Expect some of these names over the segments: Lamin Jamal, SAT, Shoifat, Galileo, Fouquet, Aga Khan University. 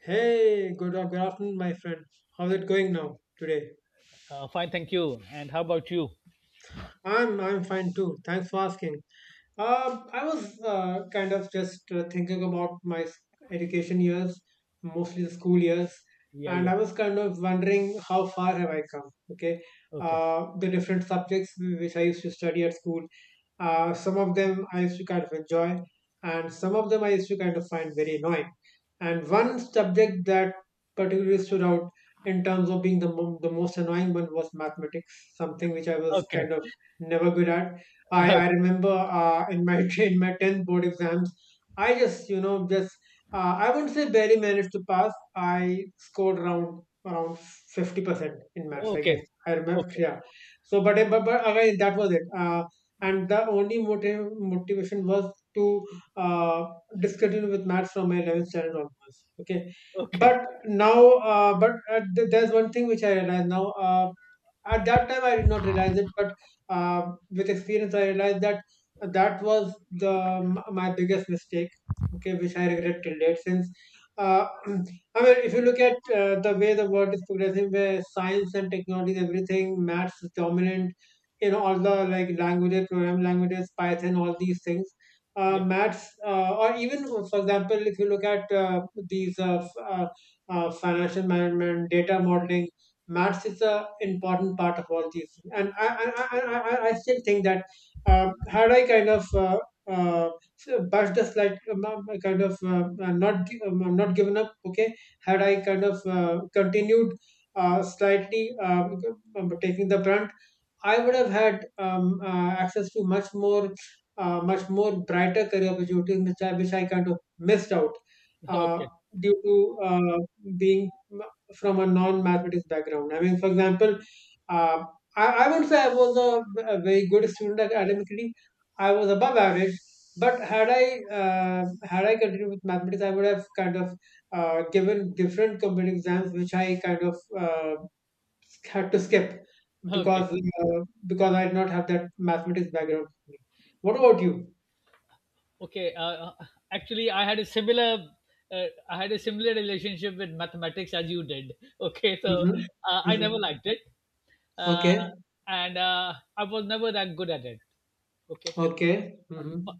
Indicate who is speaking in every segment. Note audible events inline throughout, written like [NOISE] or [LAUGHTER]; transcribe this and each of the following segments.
Speaker 1: Hey, good, good afternoon, my friend. How's it going now today?
Speaker 2: Fine, thank you. And how about you?
Speaker 1: I'm fine too. Thanks for asking. I was kind of just thinking about my education years, mostly the school years,
Speaker 2: Yeah,
Speaker 1: and
Speaker 2: yeah.
Speaker 1: I was kind of wondering how far have I come. Okay,
Speaker 2: Okay,
Speaker 1: the different subjects which I used to study at school, some of them I used to kind of enjoy, and some of them I used to kind of find very annoying. And one subject that particularly stood out in terms of being the most annoying one was mathematics, something which I was
Speaker 2: okay,
Speaker 1: kind of never good at. I
Speaker 2: [LAUGHS]
Speaker 1: remember in my [LAUGHS] in my tenth board exams, I just just I wouldn't say barely managed to pass. I scored around 50% in maths. I guess
Speaker 2: okay,
Speaker 1: I remember.
Speaker 2: okay,
Speaker 1: Yeah. So but again that was it. And the only motive motivation was to uh, discontinue with maths from my 11th standard onwards. Okay.
Speaker 2: okay.
Speaker 1: But now, there's one thing which I realize now. At that time I did not realize it, but uh, with experience I realized that that was the my biggest mistake, okay, which I regret till date. Since uh, [CLEARS THROAT] I mean, if you look at the way the world is progressing, where science and technology and everything, maths is dominant in all the, like, languages, program languages, python, all these things.
Speaker 2: Yeah,
Speaker 1: Maths Or even, for example, if you look at these uh, f- uh, financial management, data modeling, maths is a important part of all these things. And I still think that had I kind of uh, bashed the slight kind of not not given up, okay, had I kind of continued slightly, um, taking the brunt, I would have had access to much more, much more brighter career opportunities, which I kind of missed out
Speaker 2: [LAUGHS]
Speaker 1: uh,
Speaker 2: okay,
Speaker 1: due to being from a non-mathematics background. I mean, for example, uh, I wouldn't say I was a very good student academically. I was above average, but had I continued with mathematics, I would have kind of given different computer exams, which I kind of had to skip
Speaker 2: okay,
Speaker 1: because uh, because I did not have that mathematics background. What about you?
Speaker 2: okay. Actually, I had a similar, I had a similar relationship with mathematics as you did. Okay, so
Speaker 1: Mm-hmm.
Speaker 2: I
Speaker 1: Mm-hmm.
Speaker 2: never liked it, uh,
Speaker 1: Okay.
Speaker 2: and I was never that good at it. Okay,
Speaker 1: Okay. Mm-hmm.
Speaker 2: bu-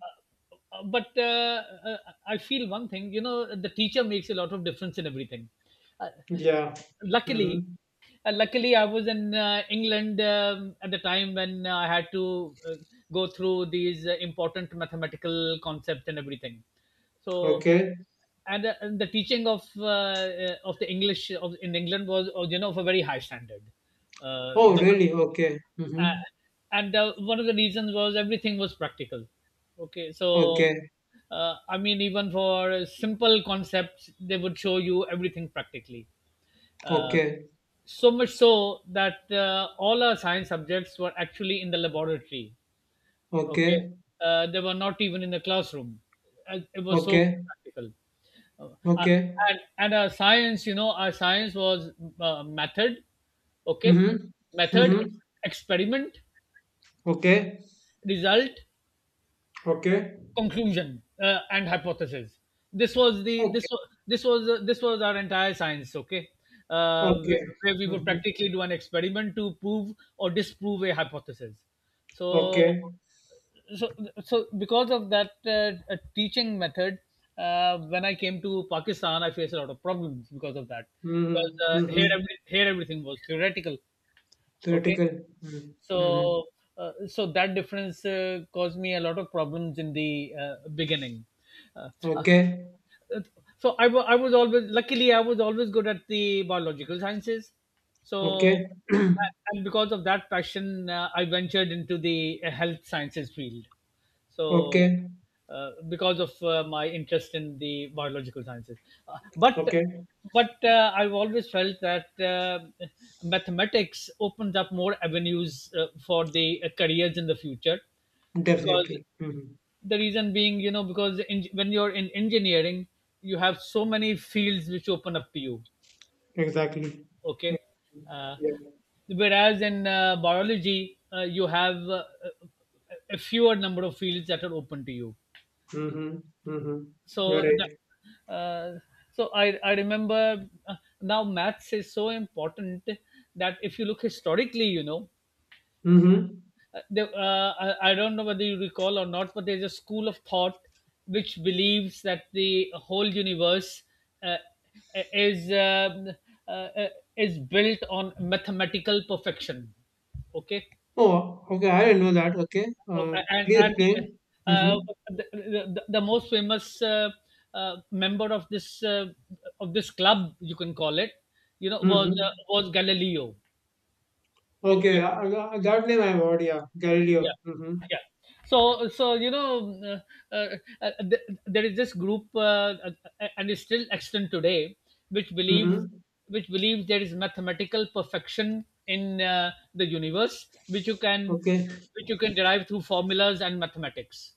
Speaker 2: but I feel one thing. You know, the teacher makes a lot of difference in everything. Uh,
Speaker 1: Yeah.
Speaker 2: Luckily,
Speaker 1: Mm-hmm.
Speaker 2: luckily, I was in England at the time when I had to go through these important mathematical concepts and everything. So,
Speaker 1: Okay.
Speaker 2: and the teaching of the English of in England was, you know, of a very high standard.
Speaker 1: Oh,
Speaker 2: No,
Speaker 1: really? Okay.
Speaker 2: uh,
Speaker 1: Mm-hmm.
Speaker 2: and one of the reasons was everything was practical, okay, so
Speaker 1: Okay.
Speaker 2: I mean, even for simple concepts they would show you everything practically. uh,
Speaker 1: Okay.
Speaker 2: so much so that all our science subjects were actually in the laboratory, okay,
Speaker 1: Okay.
Speaker 2: they were not even in the classroom. It was so
Speaker 1: Okay.
Speaker 2: practical. uh, uh,
Speaker 1: Okay.
Speaker 2: and our science, you know, our science was, method, okay,
Speaker 1: Mm-hmm.
Speaker 2: method,
Speaker 1: Mm-hmm.
Speaker 2: experiment,
Speaker 1: Okay.
Speaker 2: result,
Speaker 1: Okay.
Speaker 2: conclusion, and hypothesis. This was the
Speaker 1: Okay.
Speaker 2: this was this was this was our entire science, okay,
Speaker 1: Okay.
Speaker 2: where we would
Speaker 1: Mm-hmm.
Speaker 2: practically do an experiment to prove or disprove a hypothesis. so
Speaker 1: Okay.
Speaker 2: so so because of that, teaching method, when I came to Pakistan I faced a lot of problems because of that. Because
Speaker 1: Mm-hmm. Mm-hmm.
Speaker 2: here every, here everything was theoretical, okay.
Speaker 1: Theoretical. Mm-hmm. Mm-hmm.
Speaker 2: so so that difference caused me a lot of problems in the beginning. uh, uh,
Speaker 1: Okay.
Speaker 2: so I was always, luckily I was always good at the biological sciences. So,
Speaker 1: Okay. [CLEARS THROAT]
Speaker 2: and because of that passion, I ventured into the health sciences field. So
Speaker 1: Okay,
Speaker 2: because of my interest in the biological sciences, uh, but
Speaker 1: okay,
Speaker 2: but I've always felt that mathematics opens up more avenues for the careers in the future, because
Speaker 1: definitely. Hmm.
Speaker 2: the reason being, you know, because in, when you're in engineering you have so many fields which open up to you,
Speaker 1: Exactly.
Speaker 2: okay, uh,
Speaker 1: Yeah.
Speaker 2: whereas in biology you have a fewer number of fields that are open to you.
Speaker 1: Mm-hmm. Mm-hmm. You're
Speaker 2: So
Speaker 1: right.
Speaker 2: that, so I remember now maths is so important that if you look historically, you know,
Speaker 1: Mm-hmm.
Speaker 2: uh, the- uh, I don't know whether you recall or not, but there's a school of thought which believes that the whole universe uh, uh, is um uh, uh, is built on mathematical perfection. Okay.
Speaker 1: Oh, okay. I didn't know that. Okay.
Speaker 2: Uh, and
Speaker 1: Please
Speaker 2: and
Speaker 1: explain.
Speaker 2: uh,
Speaker 1: Mm-hmm.
Speaker 2: the, the most famous member of this, of this club, you can call it, you know,
Speaker 1: Mm-hmm.
Speaker 2: was Galileo.
Speaker 1: Okay.
Speaker 2: Okay,
Speaker 1: That name I've heard. Yeah. Galileo.
Speaker 2: yeah,
Speaker 1: Mm-hmm.
Speaker 2: yeah, so so you know, uh, uh, there is this group, and it's still extant today, which believes,
Speaker 1: Mm-hmm.
Speaker 2: which believes there is mathematical perfection in the universe which you can,
Speaker 1: Okay.
Speaker 2: which you can derive through formulas and mathematics,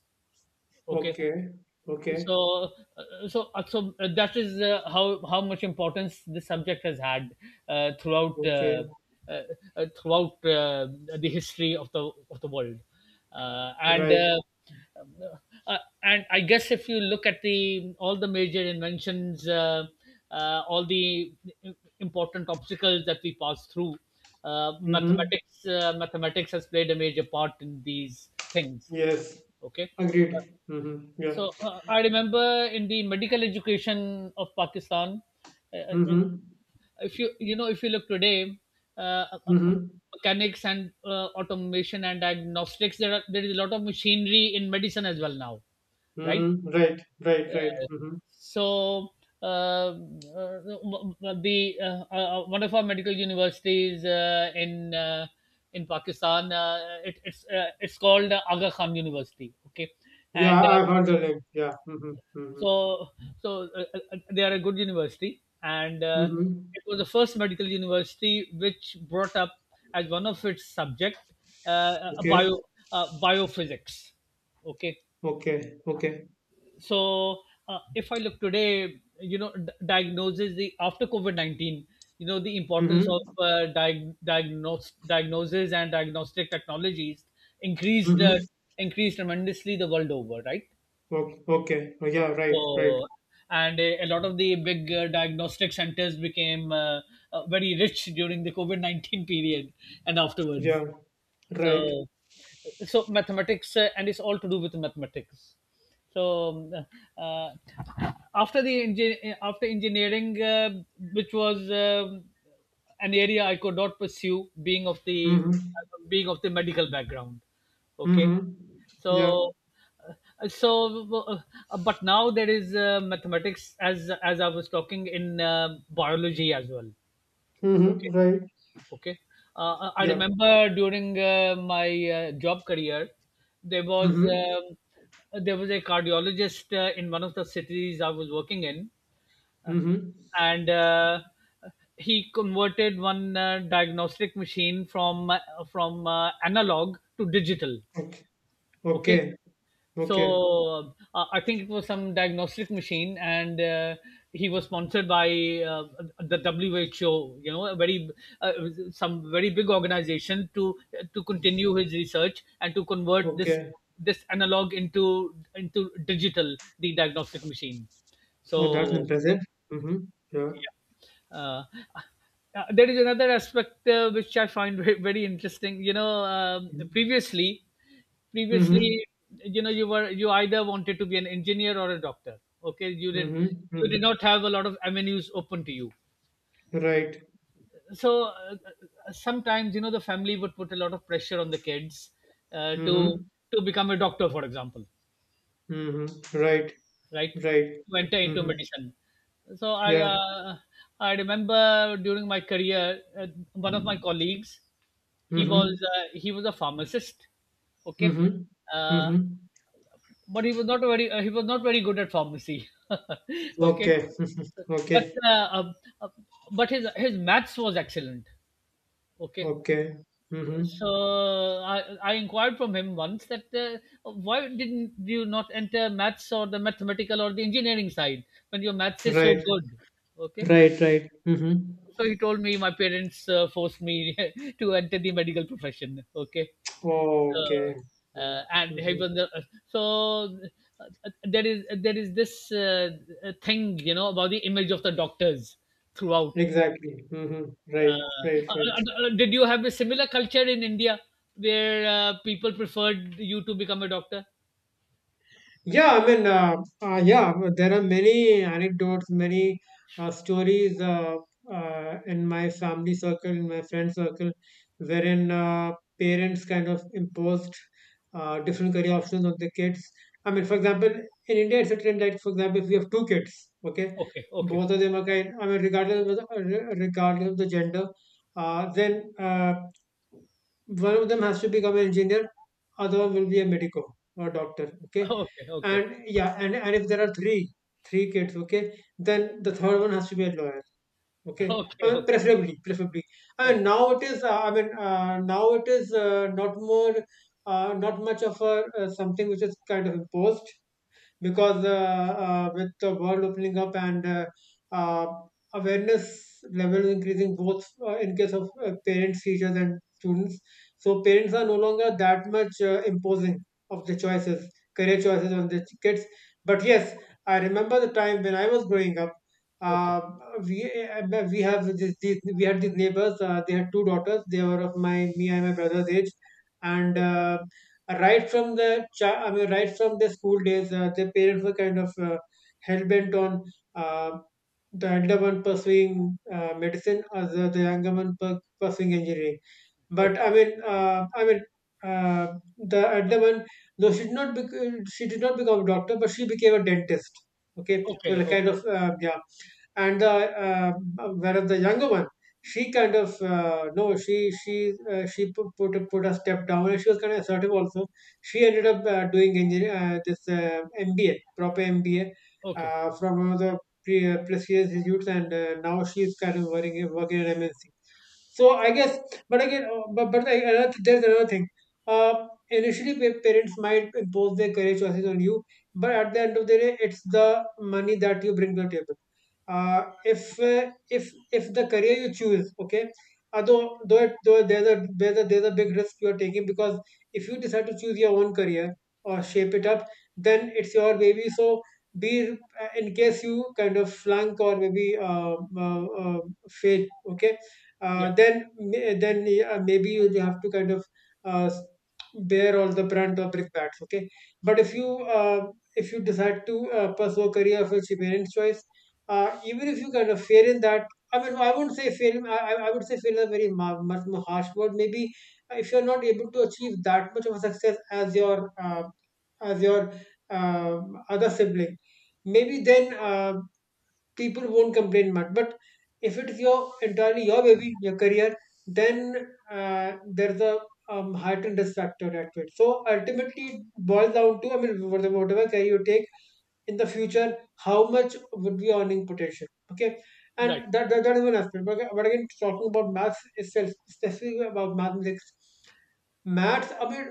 Speaker 2: okay.
Speaker 1: Okay. Okay.
Speaker 2: That is how much importance this subject has had throughout,
Speaker 1: Okay.
Speaker 2: uh, throughout the history of the world. uh, and
Speaker 1: Right.
Speaker 2: uh, uh, and I guess if you look at the all the major inventions, all the important obstacles that we pass through,
Speaker 1: Mm-hmm.
Speaker 2: mathematics has played a major part in these things,
Speaker 1: Yes.
Speaker 2: okay.
Speaker 1: Agreed. Mm-hmm. Yeah.
Speaker 2: So I remember in the medical education of Pakistan, uh, uh, uh,
Speaker 1: Mm-hmm.
Speaker 2: if you, you know, if you look today, uh, uh, uh,
Speaker 1: Mm-hmm.
Speaker 2: mechanics and automation and diagnostics, there are, there is a lot of machinery in medicine as well now, right?
Speaker 1: Mm-hmm. Right. Right. Right. Mm-hmm.
Speaker 2: So uh, the one of our medical universities in Pakistan, it, it's called Aga Khan University, okay,
Speaker 1: Yeah,
Speaker 2: and
Speaker 1: I've heard the name. Yeah. Mm-hmm. Mm-hmm.
Speaker 2: so so they are a good university, and
Speaker 1: Mm-hmm.
Speaker 2: it was the first medical university which brought up as one of its subject a
Speaker 1: Okay.
Speaker 2: bio biophysics, okay.
Speaker 1: Okay. Okay.
Speaker 2: So if I look today, you know, diagnoses, the after covid-19, you know, the importance of
Speaker 1: Mm-hmm.
Speaker 2: diag- diagnose diagnosis and diagnostic technologies increased,
Speaker 1: Mm-hmm.
Speaker 2: increased tremendously the world over, right?
Speaker 1: Okay. Okay. Oh, yeah. Right. Right.
Speaker 2: So, and a lot of the big diagnostic centers became very rich during the COVID 19 period and afterwards.
Speaker 1: Yeah. Right.
Speaker 2: So, so mathematics, and it's all to do with mathematics. So, after the after engineering, which was an area I could not pursue, being of the,
Speaker 1: Mm-hmm.
Speaker 2: being of the medical background. Okay,
Speaker 1: Mm-hmm. Yeah.
Speaker 2: so uh, so but now there is mathematics, as I was talking, in biology as well.
Speaker 1: Mm-hmm.
Speaker 2: Okay?
Speaker 1: Right.
Speaker 2: Okay. I
Speaker 1: Yeah.
Speaker 2: remember during my job career there was
Speaker 1: Mm-hmm.
Speaker 2: um, there was a cardiologist in one of the cities I was working in, uh,
Speaker 1: Mm-hmm.
Speaker 2: and he converted one diagnostic machine from analog to digital,
Speaker 1: Okay.
Speaker 2: okay.
Speaker 1: Okay.
Speaker 2: So
Speaker 1: Okay.
Speaker 2: I think it was some diagnostic machine, and he was sponsored by uh, the WHO. You know, a very, uh, some very big organization, to continue his research and to convert this,
Speaker 1: Okay.
Speaker 2: this analog into digital, the diagnostic machine.
Speaker 1: Oh, that's
Speaker 2: So
Speaker 1: impressive. Mm-hmm. Yeah.
Speaker 2: uh, there is another aspect which I find very, very interesting. You know,
Speaker 1: Mm-hmm.
Speaker 2: previously,
Speaker 1: Mm-hmm.
Speaker 2: previously, you know, you were, you either wanted to be an engineer or a doctor. Okay, you did
Speaker 1: Mm-hmm.
Speaker 2: not have a lot of avenues open to you.
Speaker 1: Right.
Speaker 2: So sometimes, you know, the family would put a lot of pressure on the kids uh, to
Speaker 1: Mm-hmm.
Speaker 2: to become a doctor, for example,
Speaker 1: Mm-hmm. Right.
Speaker 2: right?
Speaker 1: Right.
Speaker 2: To enter into
Speaker 1: Mm-hmm.
Speaker 2: medicine. So I,
Speaker 1: Yeah.
Speaker 2: I remember during my career, one of my colleagues,
Speaker 1: Mm-hmm.
Speaker 2: he was a pharmacist, okay,
Speaker 1: Mhm.
Speaker 2: uh,
Speaker 1: Mhm.
Speaker 2: but he was not very, he was not very good at pharmacy [LAUGHS] okay,
Speaker 1: Okay. [LAUGHS]
Speaker 2: but
Speaker 1: Okay.
Speaker 2: uh, um, uh, but his maths was excellent, okay.
Speaker 1: Okay. Mhm.
Speaker 2: So i I inquired from him once that why didn't you not enter maths or the mathematical or the engineering side when your maths is so
Speaker 1: Right.
Speaker 2: good, okay.
Speaker 1: Right. Right. Mhm.
Speaker 2: So he told me my parents forced me [LAUGHS] to enter the medical profession, okay,
Speaker 1: Okay. Mm,
Speaker 2: and he
Speaker 1: Mhm.
Speaker 2: was the, so there is, there is this thing, you know, about the image of the doctors throughout.
Speaker 1: Exactly. Mhm.
Speaker 2: Uh,
Speaker 1: Right. Right.
Speaker 2: uh,
Speaker 1: Right.
Speaker 2: did you have a similar culture in India where people preferred you to become a doctor?
Speaker 1: Yeah, I mean, yeah, but there are many anecdotes, many stories in my family circle, in my friend circle, wherein parents kind of imposed different career options on the kids. I mean, for example, in India, it's a trend that, for example, if you have two kids, okay,
Speaker 2: Okay, okay,
Speaker 1: both of them are kind, I mean, regardless of regardless of the gender, then one of them has to become an engineer, other one will be a medico or doctor. Okay,
Speaker 2: okay, okay,
Speaker 1: and yeah, and if there are three kids, okay, then the third one has to be a lawyer, okay,
Speaker 2: okay,
Speaker 1: I mean,
Speaker 2: okay,
Speaker 1: preferably. I mean,
Speaker 2: okay,
Speaker 1: now it is now it is not more, not much of a, something which is kind of imposed, because with the world opening up and uh, awareness level increasing, both in case of parents, teachers and students. So parents are no longer that much imposing of the choices, career choices on the kids. But yes, I remember the time when I was growing up,
Speaker 2: okay,
Speaker 1: uh, we we have these, we had these neighbors. They had two daughters. They were of my me and my brother's age, and right from the cha, I mean, right from the school days, the parents were kind of hell bent on uh, the elder one pursuing medicine, or the younger one pursuing engineering. But
Speaker 2: okay,
Speaker 1: I mean, the other one, no, she did not bec- she did not become a doctor, but she became a dentist. Okay, so
Speaker 2: okay,
Speaker 1: like kind
Speaker 2: okay,
Speaker 1: of yeah. And the whereas the younger one, she kind of no, she put a step down, and she was kind of assertive also. She ended up doing engineer, this, MBA, proper MBA,
Speaker 2: okay.
Speaker 1: from one of the prestigious institutes, and now she's kind of working in MNC. So I guess, but again, another, there's another thing. Initially, parents might impose their career choices on you, but at the end of the day, it's the money that you bring to the table. If if if the career you choose, okay, though though there's a there's a there's a big risk you're taking, because if you decide to choose your own career or shape it up, then it's your baby, so be, in case you kind of flunk or maybe fail, okay,
Speaker 2: Yeah, yeah,
Speaker 1: then then yeah, maybe you have to kind of uh, bear all the brunt of brickbats, okay. But if you decide to pursue a career of your parents' choice, even if you kind of fail in that, I mean, I wouldn't say fail. I would say fail is a very much more harsh word. Maybe if you're not able to achieve that much of a success as your as your other sibling, maybe then people won't complain much. But if it is your entirely your baby, your career, then there's a heightened risk factor at it. So ultimately, it boils down to, I mean, whatever career you take in the future, how much would be earning potential, okay.
Speaker 2: right.
Speaker 1: And that is one aspect, but again, talking about maths itself, specifically about mathematics, maths, I mean,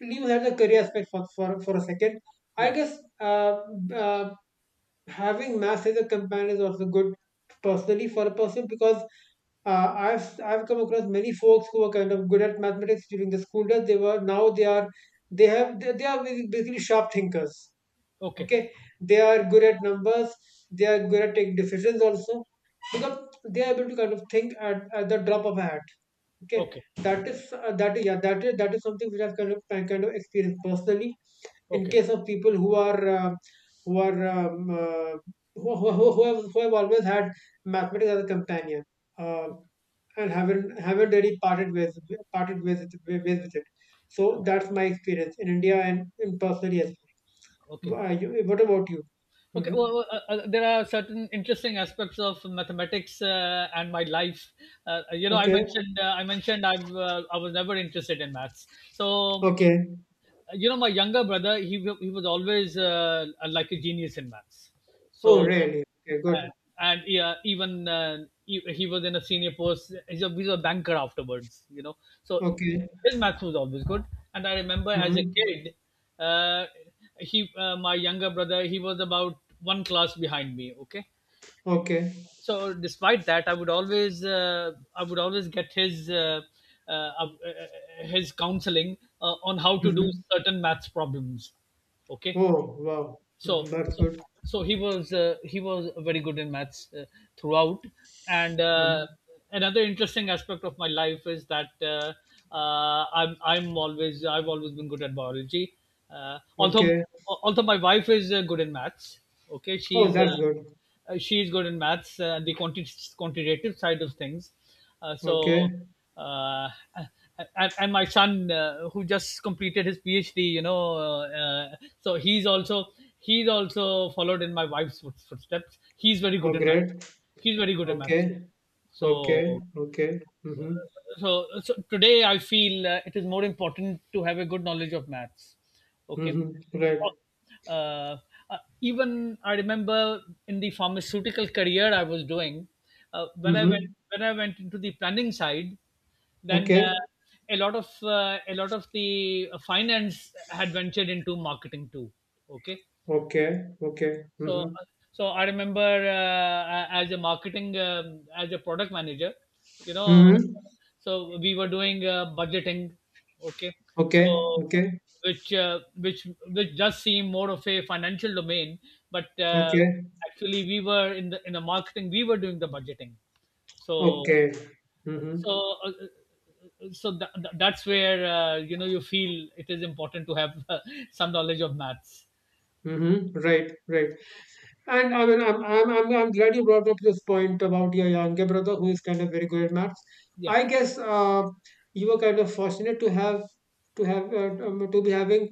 Speaker 1: leave that the career aspect for, for a second. I
Speaker 2: Yeah,
Speaker 1: guess uh, having maths as a companion is also good personally for a person, because I've come across many folks who were kind of good at mathematics during the school days. They were, now they are, they have, they are basically sharp thinkers,
Speaker 2: okay,
Speaker 1: okay. They are good at numbers, they are good at taking decisions also, because they are able to kind of think at the drop of a hat, okay.
Speaker 2: okay,
Speaker 1: That is yeah, that is, something which I kind of experienced personally in
Speaker 2: okay,
Speaker 1: case of people who are who are who have always had mathematics as a companion, uh,
Speaker 2: okay,
Speaker 1: and haven't really parted ways, with it. So
Speaker 2: okay,
Speaker 1: that's my experience in India and in personally as well.
Speaker 2: okay.
Speaker 1: Are you, what about you?
Speaker 2: Okay,
Speaker 1: Hmm.
Speaker 2: well, there are certain interesting aspects of mathematics and my life. You know, I
Speaker 1: Okay.
Speaker 2: mentioned, I mentioned, I was never interested in maths, so
Speaker 1: Okay.
Speaker 2: you know my younger brother, he was always like a genius in maths.
Speaker 1: Oh,
Speaker 2: So
Speaker 1: really? Okay,
Speaker 2: uh,
Speaker 1: good.
Speaker 2: and yeah, even he was in a senior post, he's a banker afterwards, you know. So
Speaker 1: Okay.
Speaker 2: his maths was always good. And I remember as a
Speaker 1: Mm-hmm.
Speaker 2: kid, uh, he, my younger brother, he was about one class behind me, okay.
Speaker 1: Okay.
Speaker 2: So despite that, I would always, I would always get his counseling on how to do
Speaker 1: Mm-hmm.
Speaker 2: certain maths problems, okay.
Speaker 1: Oh, wow. Hmm.
Speaker 2: So
Speaker 1: That's
Speaker 2: so,
Speaker 1: good.
Speaker 2: so he was very good in maths throughout. And
Speaker 1: Hmm.
Speaker 2: another interesting aspect of my life is that I've always been good at biology, although,
Speaker 1: Okay.
Speaker 2: although my wife is good in maths, okay,
Speaker 1: Oh, that's good.
Speaker 2: she is good in maths and the quantitative side of things. Uh, so,
Speaker 1: Okay.
Speaker 2: uh, and my son, who just completed his PhD, you know, so he's also, he's also followed in my wife's footsteps. He's very
Speaker 1: Oh,
Speaker 2: good in maths.
Speaker 1: great.
Speaker 2: He's very good in
Speaker 1: Okay.
Speaker 2: maths too.
Speaker 1: Okay.
Speaker 2: So
Speaker 1: Okay. Mm-hmm.
Speaker 2: so, so today I feel it is more important to have a good knowledge of maths. Okay.
Speaker 1: Mm-hmm. Right.
Speaker 2: Uh, uh, Even I remember in the pharmaceutical career I was doing, uh, when I went
Speaker 1: Mm-hmm.
Speaker 2: when I went into the planning side, then
Speaker 1: Okay.
Speaker 2: a lot of, a lot of the finance had ventured into marketing too. Okay.
Speaker 1: Okay. Okay.
Speaker 2: So
Speaker 1: Mm-hmm.
Speaker 2: so I remember, as a marketing, as a product manager, you know,
Speaker 1: Mm-hmm.
Speaker 2: so we were doing, budgeting, okay?
Speaker 1: Okay.
Speaker 2: So
Speaker 1: Okay.
Speaker 2: which, which does seem more of a financial domain, but,
Speaker 1: Okay.
Speaker 2: actually we were in the, in the marketing, we were doing the budgeting. So
Speaker 1: Okay. Mm-hmm.
Speaker 2: so uh, so that's where, you know, you feel it is important to have [LAUGHS] some knowledge of maths.
Speaker 1: Mm-hmm. Right. Right. And I mean, I'm glad you brought up this point about your younger brother who is kind of very good at maths.
Speaker 2: Yeah.
Speaker 1: I guess you were kind of fortunate to have to be having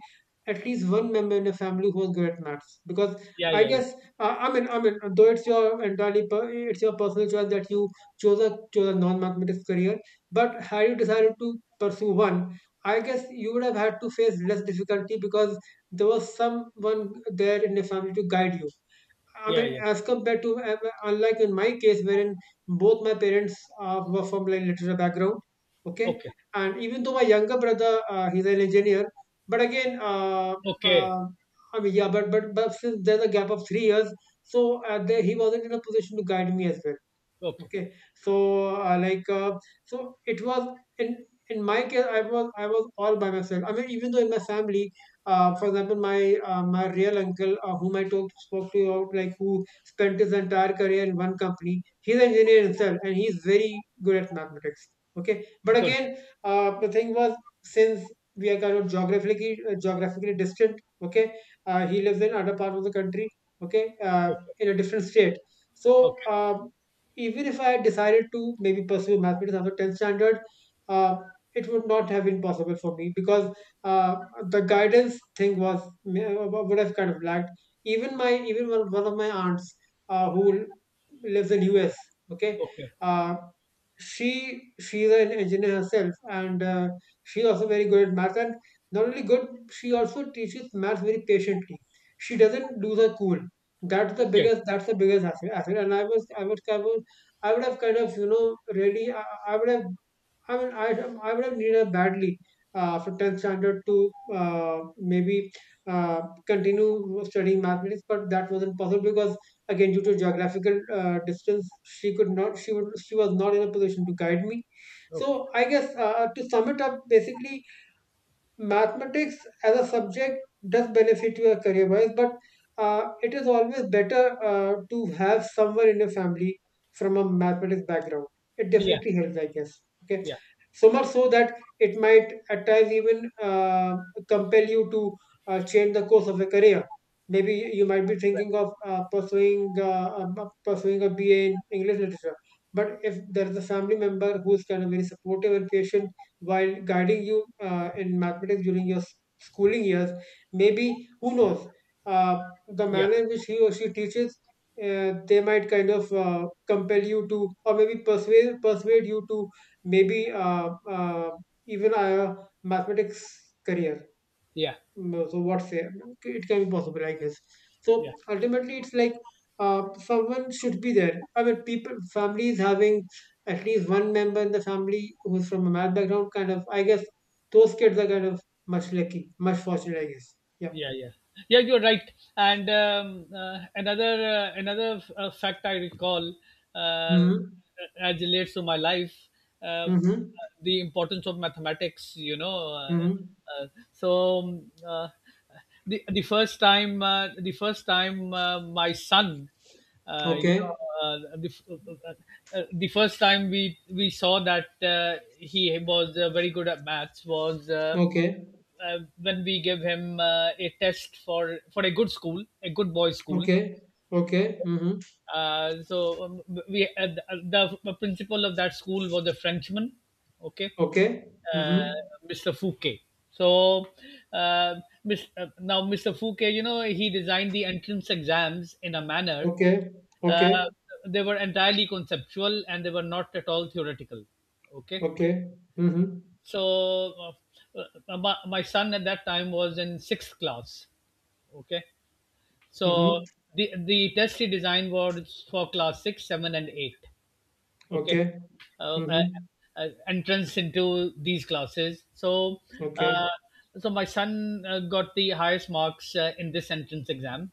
Speaker 1: at least one member in the family who was good at maths. Because
Speaker 2: Yeah,
Speaker 1: I
Speaker 2: yeah, yeah.
Speaker 1: guess I mean, though it's your it's your personal choice that you chose a non-mathematics career. But had you decided to pursue one, I guess you would have had to face less difficulty because there was someone there in the family to guide you. I
Speaker 2: Yeah,
Speaker 1: mean,
Speaker 2: yeah.
Speaker 1: as compared to unlike in my case, wherein both my parents were from like literature background. Okay.
Speaker 2: Okay.
Speaker 1: And even though my younger brother he's an engineer, but again,
Speaker 2: Okay.
Speaker 1: uh, I mean, yeah, but since there's a gap of 3 years, so he wasn't in a position to guide me as well.
Speaker 2: Okay.
Speaker 1: Okay. so uh, like uh, so it was in in my case, I was all by myself. I mean, even though in my family, for example, my my real uncle, whom I spoke to about, like, who spent his entire career in one company. He's an engineer himself and he's very good at mathematics. Okay. But
Speaker 2: Good.
Speaker 1: again, the thing was, since we are kind of geographically geographically distant. Okay. He lives in other part of the country. Okay.
Speaker 2: Okay.
Speaker 1: In a different state. So
Speaker 2: Okay.
Speaker 1: uh, even if I had decided to maybe pursue mathematics after 10th standard, uh, it would not have been possible for me because uh, the guidance thing was, would have kind of lacked. Even one, one of my aunts who lives in US, okay,
Speaker 2: Okay.
Speaker 1: uh, she's an engineer herself, and she's also very good at math. And not only good, she also teaches math very patiently. She doesn't lose her cool. that's the
Speaker 2: Okay.
Speaker 1: biggest that's the biggest asset, asset. And I would have kind of, really, I would have, I mean, I would have needed badly for 10th standard to maybe uh, continue studying mathematics, but that wasn't possible because, again, due to geographical distance, she could not, she was not in a position to guide me.
Speaker 2: Okay.
Speaker 1: So I guess to sum it up, basically, mathematics as a subject does benefit your career wise, but it is always better to have someone in your family from a mathematics background. It
Speaker 2: Yeah.
Speaker 1: definitely helps, I guess. Okay,
Speaker 2: Yeah.
Speaker 1: so much so that it might at times even compel you to change the course of your career. Maybe you might be
Speaker 2: Right.
Speaker 1: thinking of pursuing a B. A. in English literature, but if there is a family member who is kind of very supportive and patient while guiding you in mathematics during your schooling years. Maybe, who knows, the
Speaker 2: Yeah.
Speaker 1: manner in which he or she teaches, they might kind of compel you to, or maybe persuade you to maybe even a mathematics career.
Speaker 2: Yeah.
Speaker 1: No, so what's a, it can be possible, I guess. So
Speaker 2: Yeah.
Speaker 1: ultimately it's like, someone should be there. I mean, people families having at least one member in the family who's from a math background, kind of, I guess those kids are kind of much lucky, much fortunate, I guess. Yeah.
Speaker 2: Yeah, yeah, yeah, you're right. And another another fact I recall uh,
Speaker 1: Mm-hmm.
Speaker 2: as relates to my life, uh,
Speaker 1: Mm-hmm.
Speaker 2: the importance of mathematics.
Speaker 1: Mm-hmm.
Speaker 2: Uh, so um, uh, the first time, the first time my son — uh, you know
Speaker 1: Okay.
Speaker 2: the first time we saw that he was very good at maths was,
Speaker 1: Okay.
Speaker 2: when we give him a test for a good school, a good boys' school.
Speaker 1: Okay. Okay. Mm-hmm.
Speaker 2: So we The principal of that school was a Frenchman. Okay,
Speaker 1: Okay.
Speaker 2: uh,
Speaker 1: Mm-hmm.
Speaker 2: Mr. Fouquet. So uh, Miss, now Mr. Fouquet, he designed the entrance exams in a manner
Speaker 1: Okay.
Speaker 2: uh,
Speaker 1: Okay.
Speaker 2: they were entirely conceptual and they were not at all theoretical. Okay,
Speaker 1: Okay. Mm-hmm.
Speaker 2: so uh, my son at that time was in sixth class. Okay,
Speaker 1: Mm-hmm.
Speaker 2: so the test he designed was for class six, seven, and eight. Okay,
Speaker 1: Okay.
Speaker 2: uh, uh,
Speaker 1: Mm-hmm.
Speaker 2: entrance into these classes. So uh,
Speaker 1: Okay.
Speaker 2: so my son got the highest marks in this entrance exam.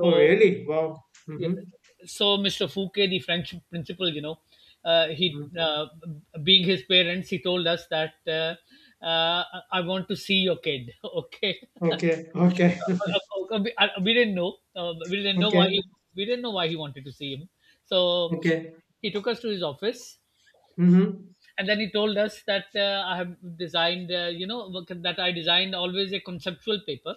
Speaker 1: Oh, really? Wow.
Speaker 2: yeah,
Speaker 1: Mm-hmm.
Speaker 2: so Mr. Fouquet, the French principal, he
Speaker 1: Hmm.
Speaker 2: being his parents, he told us that uh, I want to see your kid. [LAUGHS] Okay,
Speaker 1: Okay. Okay. [LAUGHS]
Speaker 2: we didn't know. We didn't know why
Speaker 1: Okay.
Speaker 2: he, wanted to see him. So
Speaker 1: Okay.
Speaker 2: he took us to his office,
Speaker 1: Mm-hmm.
Speaker 2: and then he told us that I have designed, that I designed always a conceptual paper.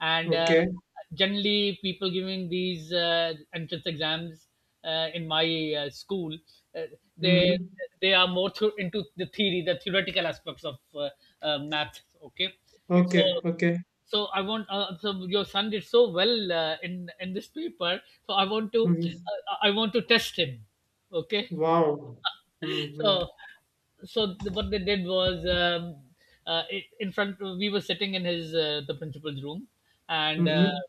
Speaker 2: And
Speaker 1: Okay.
Speaker 2: generally people giving these entrance exams in my school, uh, they
Speaker 1: Mm-hmm.
Speaker 2: they are more into the theoretical aspects of math. Okay, so
Speaker 1: Okay. Okay.
Speaker 2: so I want so your son did so well in this paper. So I want to —
Speaker 1: Mm-hmm.
Speaker 2: test him. Okay.
Speaker 1: Wow.
Speaker 2: [LAUGHS]
Speaker 1: Mm-hmm.
Speaker 2: so so what they did was, in front we were sitting in his, the principal's room, and
Speaker 1: Mm-hmm.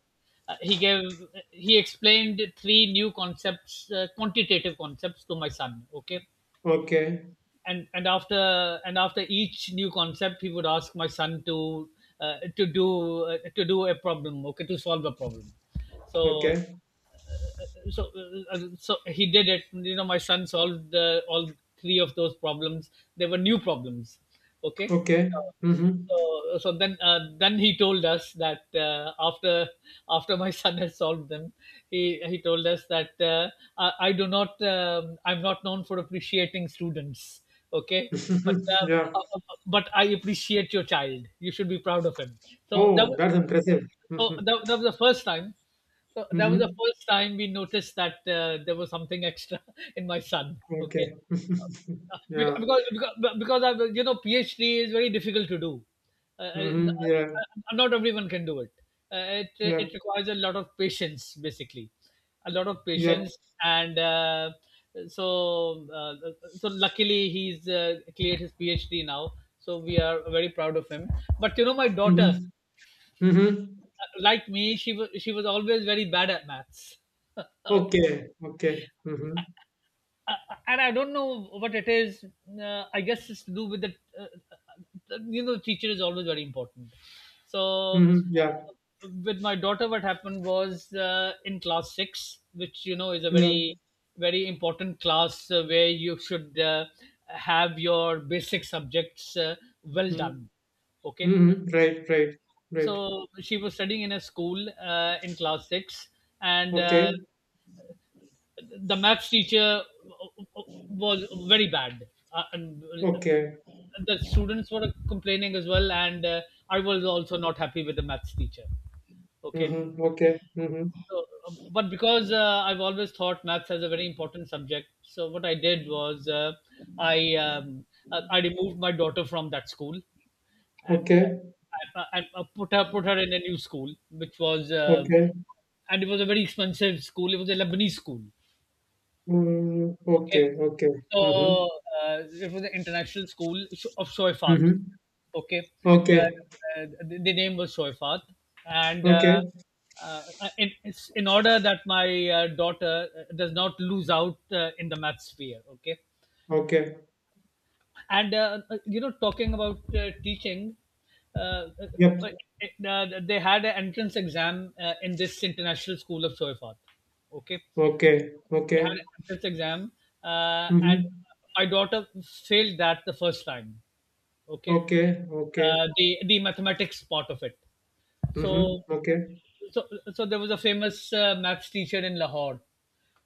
Speaker 2: uh, he gave he explained three new concepts, quantitative concepts to my son. Okay.
Speaker 1: Okay.
Speaker 2: And and after each new concept he would ask my son to, uh, to do to do a problem. Okay, to solve a problem. so
Speaker 1: Okay.
Speaker 2: so so he did it. My son solved all three of those problems. They were new problems. Okay.
Speaker 1: Okay. Mm-hmm.
Speaker 2: So then, then he told us that, after my [LAUGHS] son has solved them, he told us that, I'm not known for appreciating students. Okay,
Speaker 1: [LAUGHS]
Speaker 2: but
Speaker 1: Mm-hmm. Yeah.
Speaker 2: I appreciate your child. You should be proud of him. So that
Speaker 1: Oh,
Speaker 2: was —
Speaker 1: that's impressive.
Speaker 2: so
Speaker 1: Mm-hmm.
Speaker 2: that, that was the first time. So that was the
Speaker 1: Mm-hmm.
Speaker 2: first time we noticed that there was something extra [LAUGHS] in my son.
Speaker 1: Okay.
Speaker 2: Okay.
Speaker 1: [LAUGHS]
Speaker 2: Uh, because
Speaker 1: Yeah.
Speaker 2: because because I you know PhD is very difficult to do. Uh, uh,
Speaker 1: Mm-hmm. Yeah.
Speaker 2: Not everyone can do it. Uh, it
Speaker 1: Yeah.
Speaker 2: it requires a lot of patience, basically, a lot of
Speaker 1: Yep.
Speaker 2: patience. And so uh, so luckily he's cleared his PhD now. So we are very proud of him. But my daughter,
Speaker 1: Mm-hmm. Mm-hmm.
Speaker 2: like me, she was always very bad at maths, [LAUGHS]
Speaker 1: Okay. Okay. Mm-hmm.
Speaker 2: and I don't know what it is. I guess it's to do with the — uh, teacher is always very important. So
Speaker 1: Mm-hmm. Yeah.
Speaker 2: with my daughter, what happened was, in class six, which, is a
Speaker 1: Yeah.
Speaker 2: very, very important class, where you should have your basic subjects well done.
Speaker 1: Mm-hmm.
Speaker 2: Okay,
Speaker 1: Mm-hmm. Right, right, right.
Speaker 2: so she was studying in a school, in class 6, and
Speaker 1: Okay,
Speaker 2: the maths teacher was very bad, and
Speaker 1: okay.
Speaker 2: the students were complaining as well, and I was also not happy with the maths teacher. Okay,
Speaker 1: Mm-hmm. Okay, mm-hmm.
Speaker 2: so, but because I've always thought maths as a very important subject, so what I did was, i um, I removed my daughter from that school, and I
Speaker 1: Okay,
Speaker 2: and put her in a new school, which was,
Speaker 1: okay.
Speaker 2: and it was a very expensive school. It was a Lebanese school.
Speaker 1: Mm-hmm.
Speaker 2: Okay.
Speaker 1: Okay, okay.
Speaker 2: So,
Speaker 1: Mm-hmm.
Speaker 2: it was an international school, of Shoifat.
Speaker 1: Mm-hmm.
Speaker 2: Okay.
Speaker 1: Okay,
Speaker 2: The name was Shoifat. And
Speaker 1: okay,
Speaker 2: uh, it's in order that my daughter does not lose out in the math sphere. Okay.
Speaker 1: okay.
Speaker 2: And, talking about teaching, uh, uh, well,
Speaker 1: Yep.
Speaker 2: they had an entrance exam in this international school of Shoifat. Okay.
Speaker 1: Okay,
Speaker 2: They had an
Speaker 1: okay.
Speaker 2: entrance exam, and
Speaker 1: Mm-hmm.
Speaker 2: my daughter failed that the first time. Okay,
Speaker 1: Okay, okay.
Speaker 2: the mathematics part of it. So
Speaker 1: Mm-hmm. Okay,
Speaker 2: so so there was a famous maths teacher in Lahore.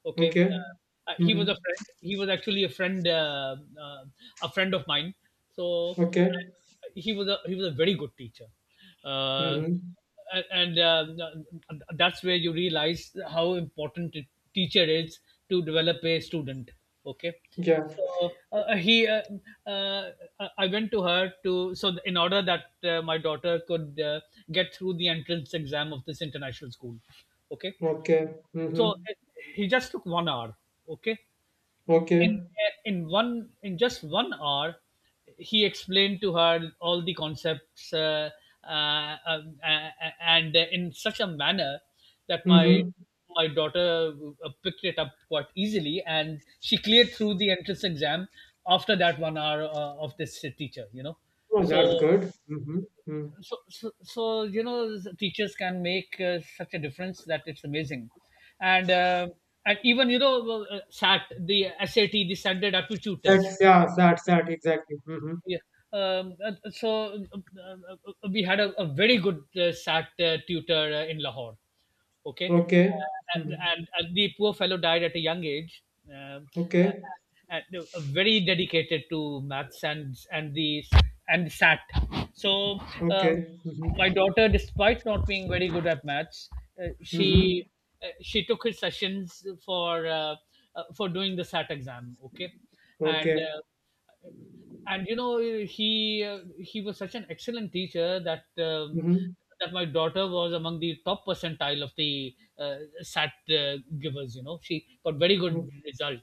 Speaker 2: Okay,
Speaker 1: okay.
Speaker 2: he
Speaker 1: Mm-hmm.
Speaker 2: was a friend. He was actually uh, a friend of mine. So
Speaker 1: Okay.
Speaker 2: he was a very good teacher, uh,
Speaker 1: Mm-hmm.
Speaker 2: and, that's where you realize how important a teacher is to develop a student. Okay,
Speaker 1: Yeah.
Speaker 2: so uh, I went to her, to so in order that my daughter could get through the entrance exam of this international school. Okay,
Speaker 1: Okay.
Speaker 2: so
Speaker 1: Mm-hmm.
Speaker 2: he just took 1 hour. Okay,
Speaker 1: Okay.
Speaker 2: in in one in just 1 hour he explained to her all the concepts, uh, uh, uh, and in such a manner that my
Speaker 1: Mm-hmm.
Speaker 2: my daughter picked it up quite easily, and she cleared through the entrance exam after that 1 hour, of this teacher.
Speaker 1: Oh, that's
Speaker 2: So
Speaker 1: good. Mm-hmm. Mm.
Speaker 2: so teachers can make such a difference that it's amazing. And and even, SAT — the sat the standard aptitude test.
Speaker 1: That's, yeah, sad, sad, exactly. Mm-hmm.
Speaker 2: Yeah. So we had a, very good SAT tutor in Lahore. Okay,
Speaker 1: Okay. Mhm.
Speaker 2: and, the poor fellow died at a young age. Um uh,
Speaker 1: Okay.
Speaker 2: and Very dedicated to maths, and SAT. So, um,
Speaker 1: Okay. Mhm.
Speaker 2: my daughter, despite not being very good at maths, uh, she
Speaker 1: Mhm.
Speaker 2: she took his sessions for, doing the SAT exam. Okay, and
Speaker 1: Okay.
Speaker 2: and, he was such an excellent teacher that,
Speaker 1: Mhm.
Speaker 2: that my daughter was among the top percentile of the SAT givers. She got very
Speaker 1: Mhm.
Speaker 2: good result.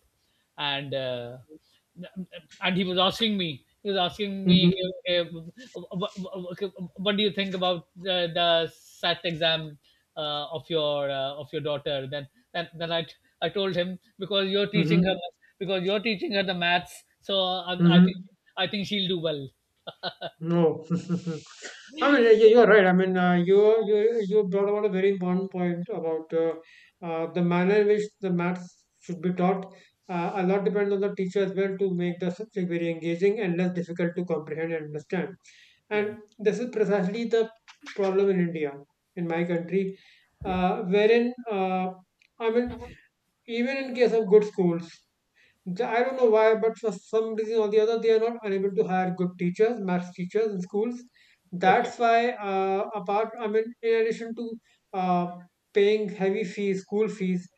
Speaker 2: And and he was asking me,
Speaker 1: Mhm.
Speaker 2: uh, what do you think about the SAT exam, of your daughter then? Then, I told him,
Speaker 1: Mhm.
Speaker 2: because you're teaching her the maths, so
Speaker 1: Mhm.
Speaker 2: I think she'll do well.
Speaker 1: No. [LAUGHS] I mean you're right. I mean you you brought about a very important point about the manner in which the maths should be taught. A lot depends on the teacher as well to make the subject very engaging and less difficult to comprehend and understand.
Speaker 2: Yeah,
Speaker 1: And this is precisely the problem in India, in my country,
Speaker 2: yeah.
Speaker 1: uh, wherein, uh, I mean, even in case of good schools, I don't know why, but for some reason or the other, they are not unable to hire good teachers, maths teachers in schools.
Speaker 2: Okay.
Speaker 1: That's why, I mean, in addition to uh, paying heavy fees, school fees,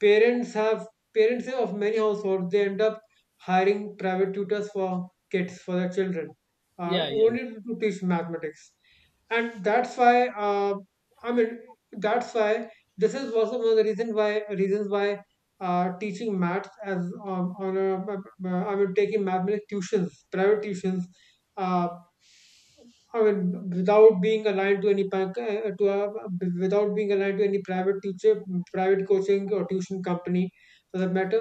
Speaker 1: parents have parents of many households, they end up hiring private tutors for kids, for their children, uh,
Speaker 2: Yeah, yeah,
Speaker 1: only to teach mathematics. And that's why I mean, that's why this is also one of the reason why reasons why teaching maths as, on a I mean, taking mathematics tuitions, private tuitions, uh, I mean, without being aligned to any without being aligned to any private teacher, private coaching or tuition company for that matter,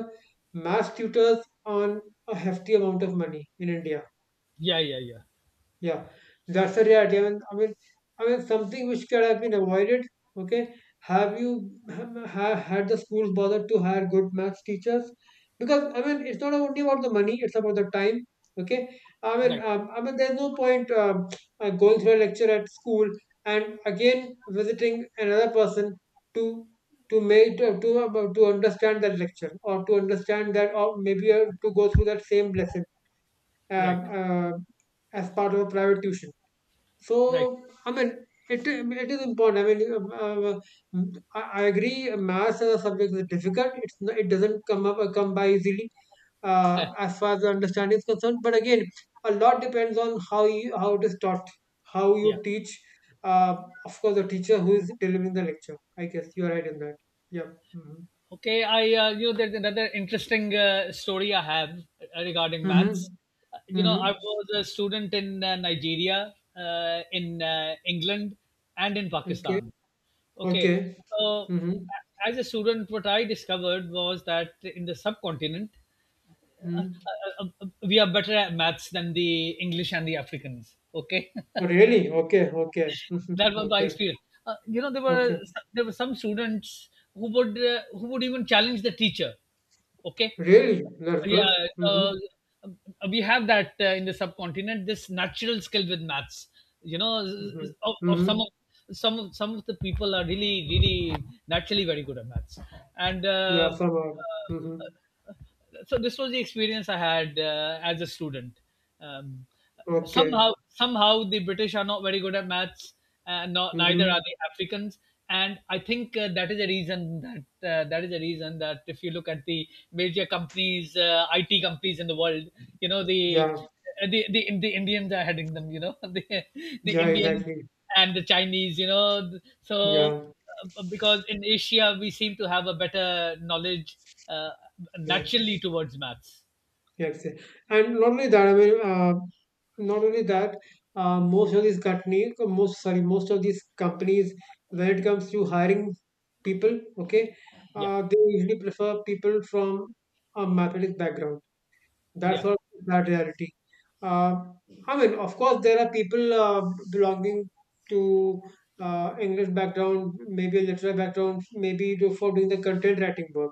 Speaker 1: maths tutors on a hefty amount of money in India.
Speaker 2: yeah, yeah, yeah.
Speaker 1: Yeah, that's the reality. I mean, something which could have been avoided. Okay, have you had the schools bothered to hire good maths teachers? Because I mean, it's not only about the money; it's about the time. Okay,
Speaker 2: Right,
Speaker 1: I mean, there's no point, going through a lecture at school and again visiting another person to to make to, about- to understand that lecture or to understand that, or maybe to go through that same lesson. Um,
Speaker 2: right,
Speaker 1: uh, as part of a private tuition.
Speaker 2: right.
Speaker 1: So, I mean, it is important. I mean, I agree. Maths as a subject is difficult. It doesn't come by easily
Speaker 2: [LAUGHS]
Speaker 1: as far as the understanding is concerned. But again, a lot depends on how it is taught, how
Speaker 2: Yeah.
Speaker 1: you teach. Uh, of course, the teacher who is delivering the lecture. I guess you are right in that. Yeah. Mm-hmm.
Speaker 2: Okay. There's another interesting story I have regarding
Speaker 1: Mm-hmm.
Speaker 2: maths.
Speaker 1: Mm-hmm.
Speaker 2: I was a student in Nigeria, in England, and in
Speaker 1: Okay.
Speaker 2: Pakistan. Okay.
Speaker 1: Okay.
Speaker 2: So,
Speaker 1: Mm-hmm.
Speaker 2: as a student, what I discovered was that in the subcontinent, uh,
Speaker 1: Mm-hmm.
Speaker 2: we are better at maths than the English and the Africans. Okay. [LAUGHS]
Speaker 1: Oh, really? Okay. Okay.
Speaker 2: That
Speaker 1: Mm-hmm.
Speaker 2: was the
Speaker 1: Okay.
Speaker 2: experience. There were
Speaker 1: Okay.
Speaker 2: some students who would, even challenge the teacher. Okay,
Speaker 1: Really? That's
Speaker 2: yeah,
Speaker 1: good.
Speaker 2: uh,
Speaker 1: Mm-hmm.
Speaker 2: we have that in the subcontinent. This natural skill with maths. You know,
Speaker 1: Mm-hmm.
Speaker 2: of
Speaker 1: Mm-hmm.
Speaker 2: some of some of some of the people are really, really naturally very good at maths. And.
Speaker 1: Yeah, some somehow.
Speaker 2: Uh,
Speaker 1: Mm-hmm.
Speaker 2: so this was the experience I had as a student. Um,
Speaker 1: Okay.
Speaker 2: Somehow, somehow the British are not very good at maths, and not, neither are
Speaker 1: Mm-hmm.
Speaker 2: the Africans. And I think that is a reason that if you look at the major companies, IT companies in the world, you know the
Speaker 1: Yeah.
Speaker 2: the Indians are heading them. [LAUGHS] The
Speaker 1: Yeah,
Speaker 2: Indians
Speaker 1: exactly.
Speaker 2: and the Chinese. So
Speaker 1: Yeah.
Speaker 2: because in Asia we seem to have a better knowledge, uh,
Speaker 1: Yeah.
Speaker 2: naturally, towards maths.
Speaker 1: Yeah. exa- And not only that, I mean, not only that, most of these companies, most, sorry, most of these companies, when it comes to hiring people, okay,
Speaker 2: Yeah,
Speaker 1: they usually prefer people from a mathematics background. That's
Speaker 2: yeah.
Speaker 1: all that reality. Uh, I mean, of course, there are people belonging to English background, maybe literary background, maybe to, for doing the content writing work,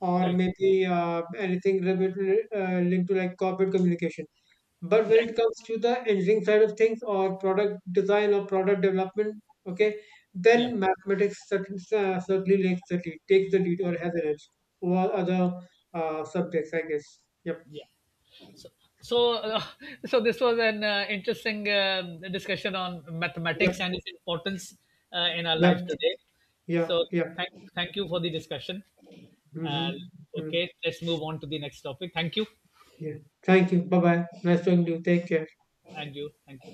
Speaker 1: or
Speaker 2: Right,
Speaker 1: maybe anything related, linked to, like, corporate communication. But when
Speaker 2: right.
Speaker 1: it comes to the engineering side of things, or product design or product development, okay,
Speaker 2: Yeah,
Speaker 1: then mathematics certainly takes the lead or has an edge over other subjects, I guess. Yep.
Speaker 2: yeah. So, so, uh, [LAUGHS] so this was an interesting, discussion on
Speaker 1: Yep.
Speaker 2: mathematics and its importance in our life
Speaker 1: Yep.
Speaker 2: today.
Speaker 1: Yeah.
Speaker 2: So,
Speaker 1: Yeah.
Speaker 2: thank thank you for the discussion. Uh,
Speaker 1: Mm-hmm. Mm-hmm.
Speaker 2: okay, let's move on to the next topic. Thank you,
Speaker 1: Yeah. Thank you. Bye bye. Nice talking to you. Take care.
Speaker 2: and you, thank you.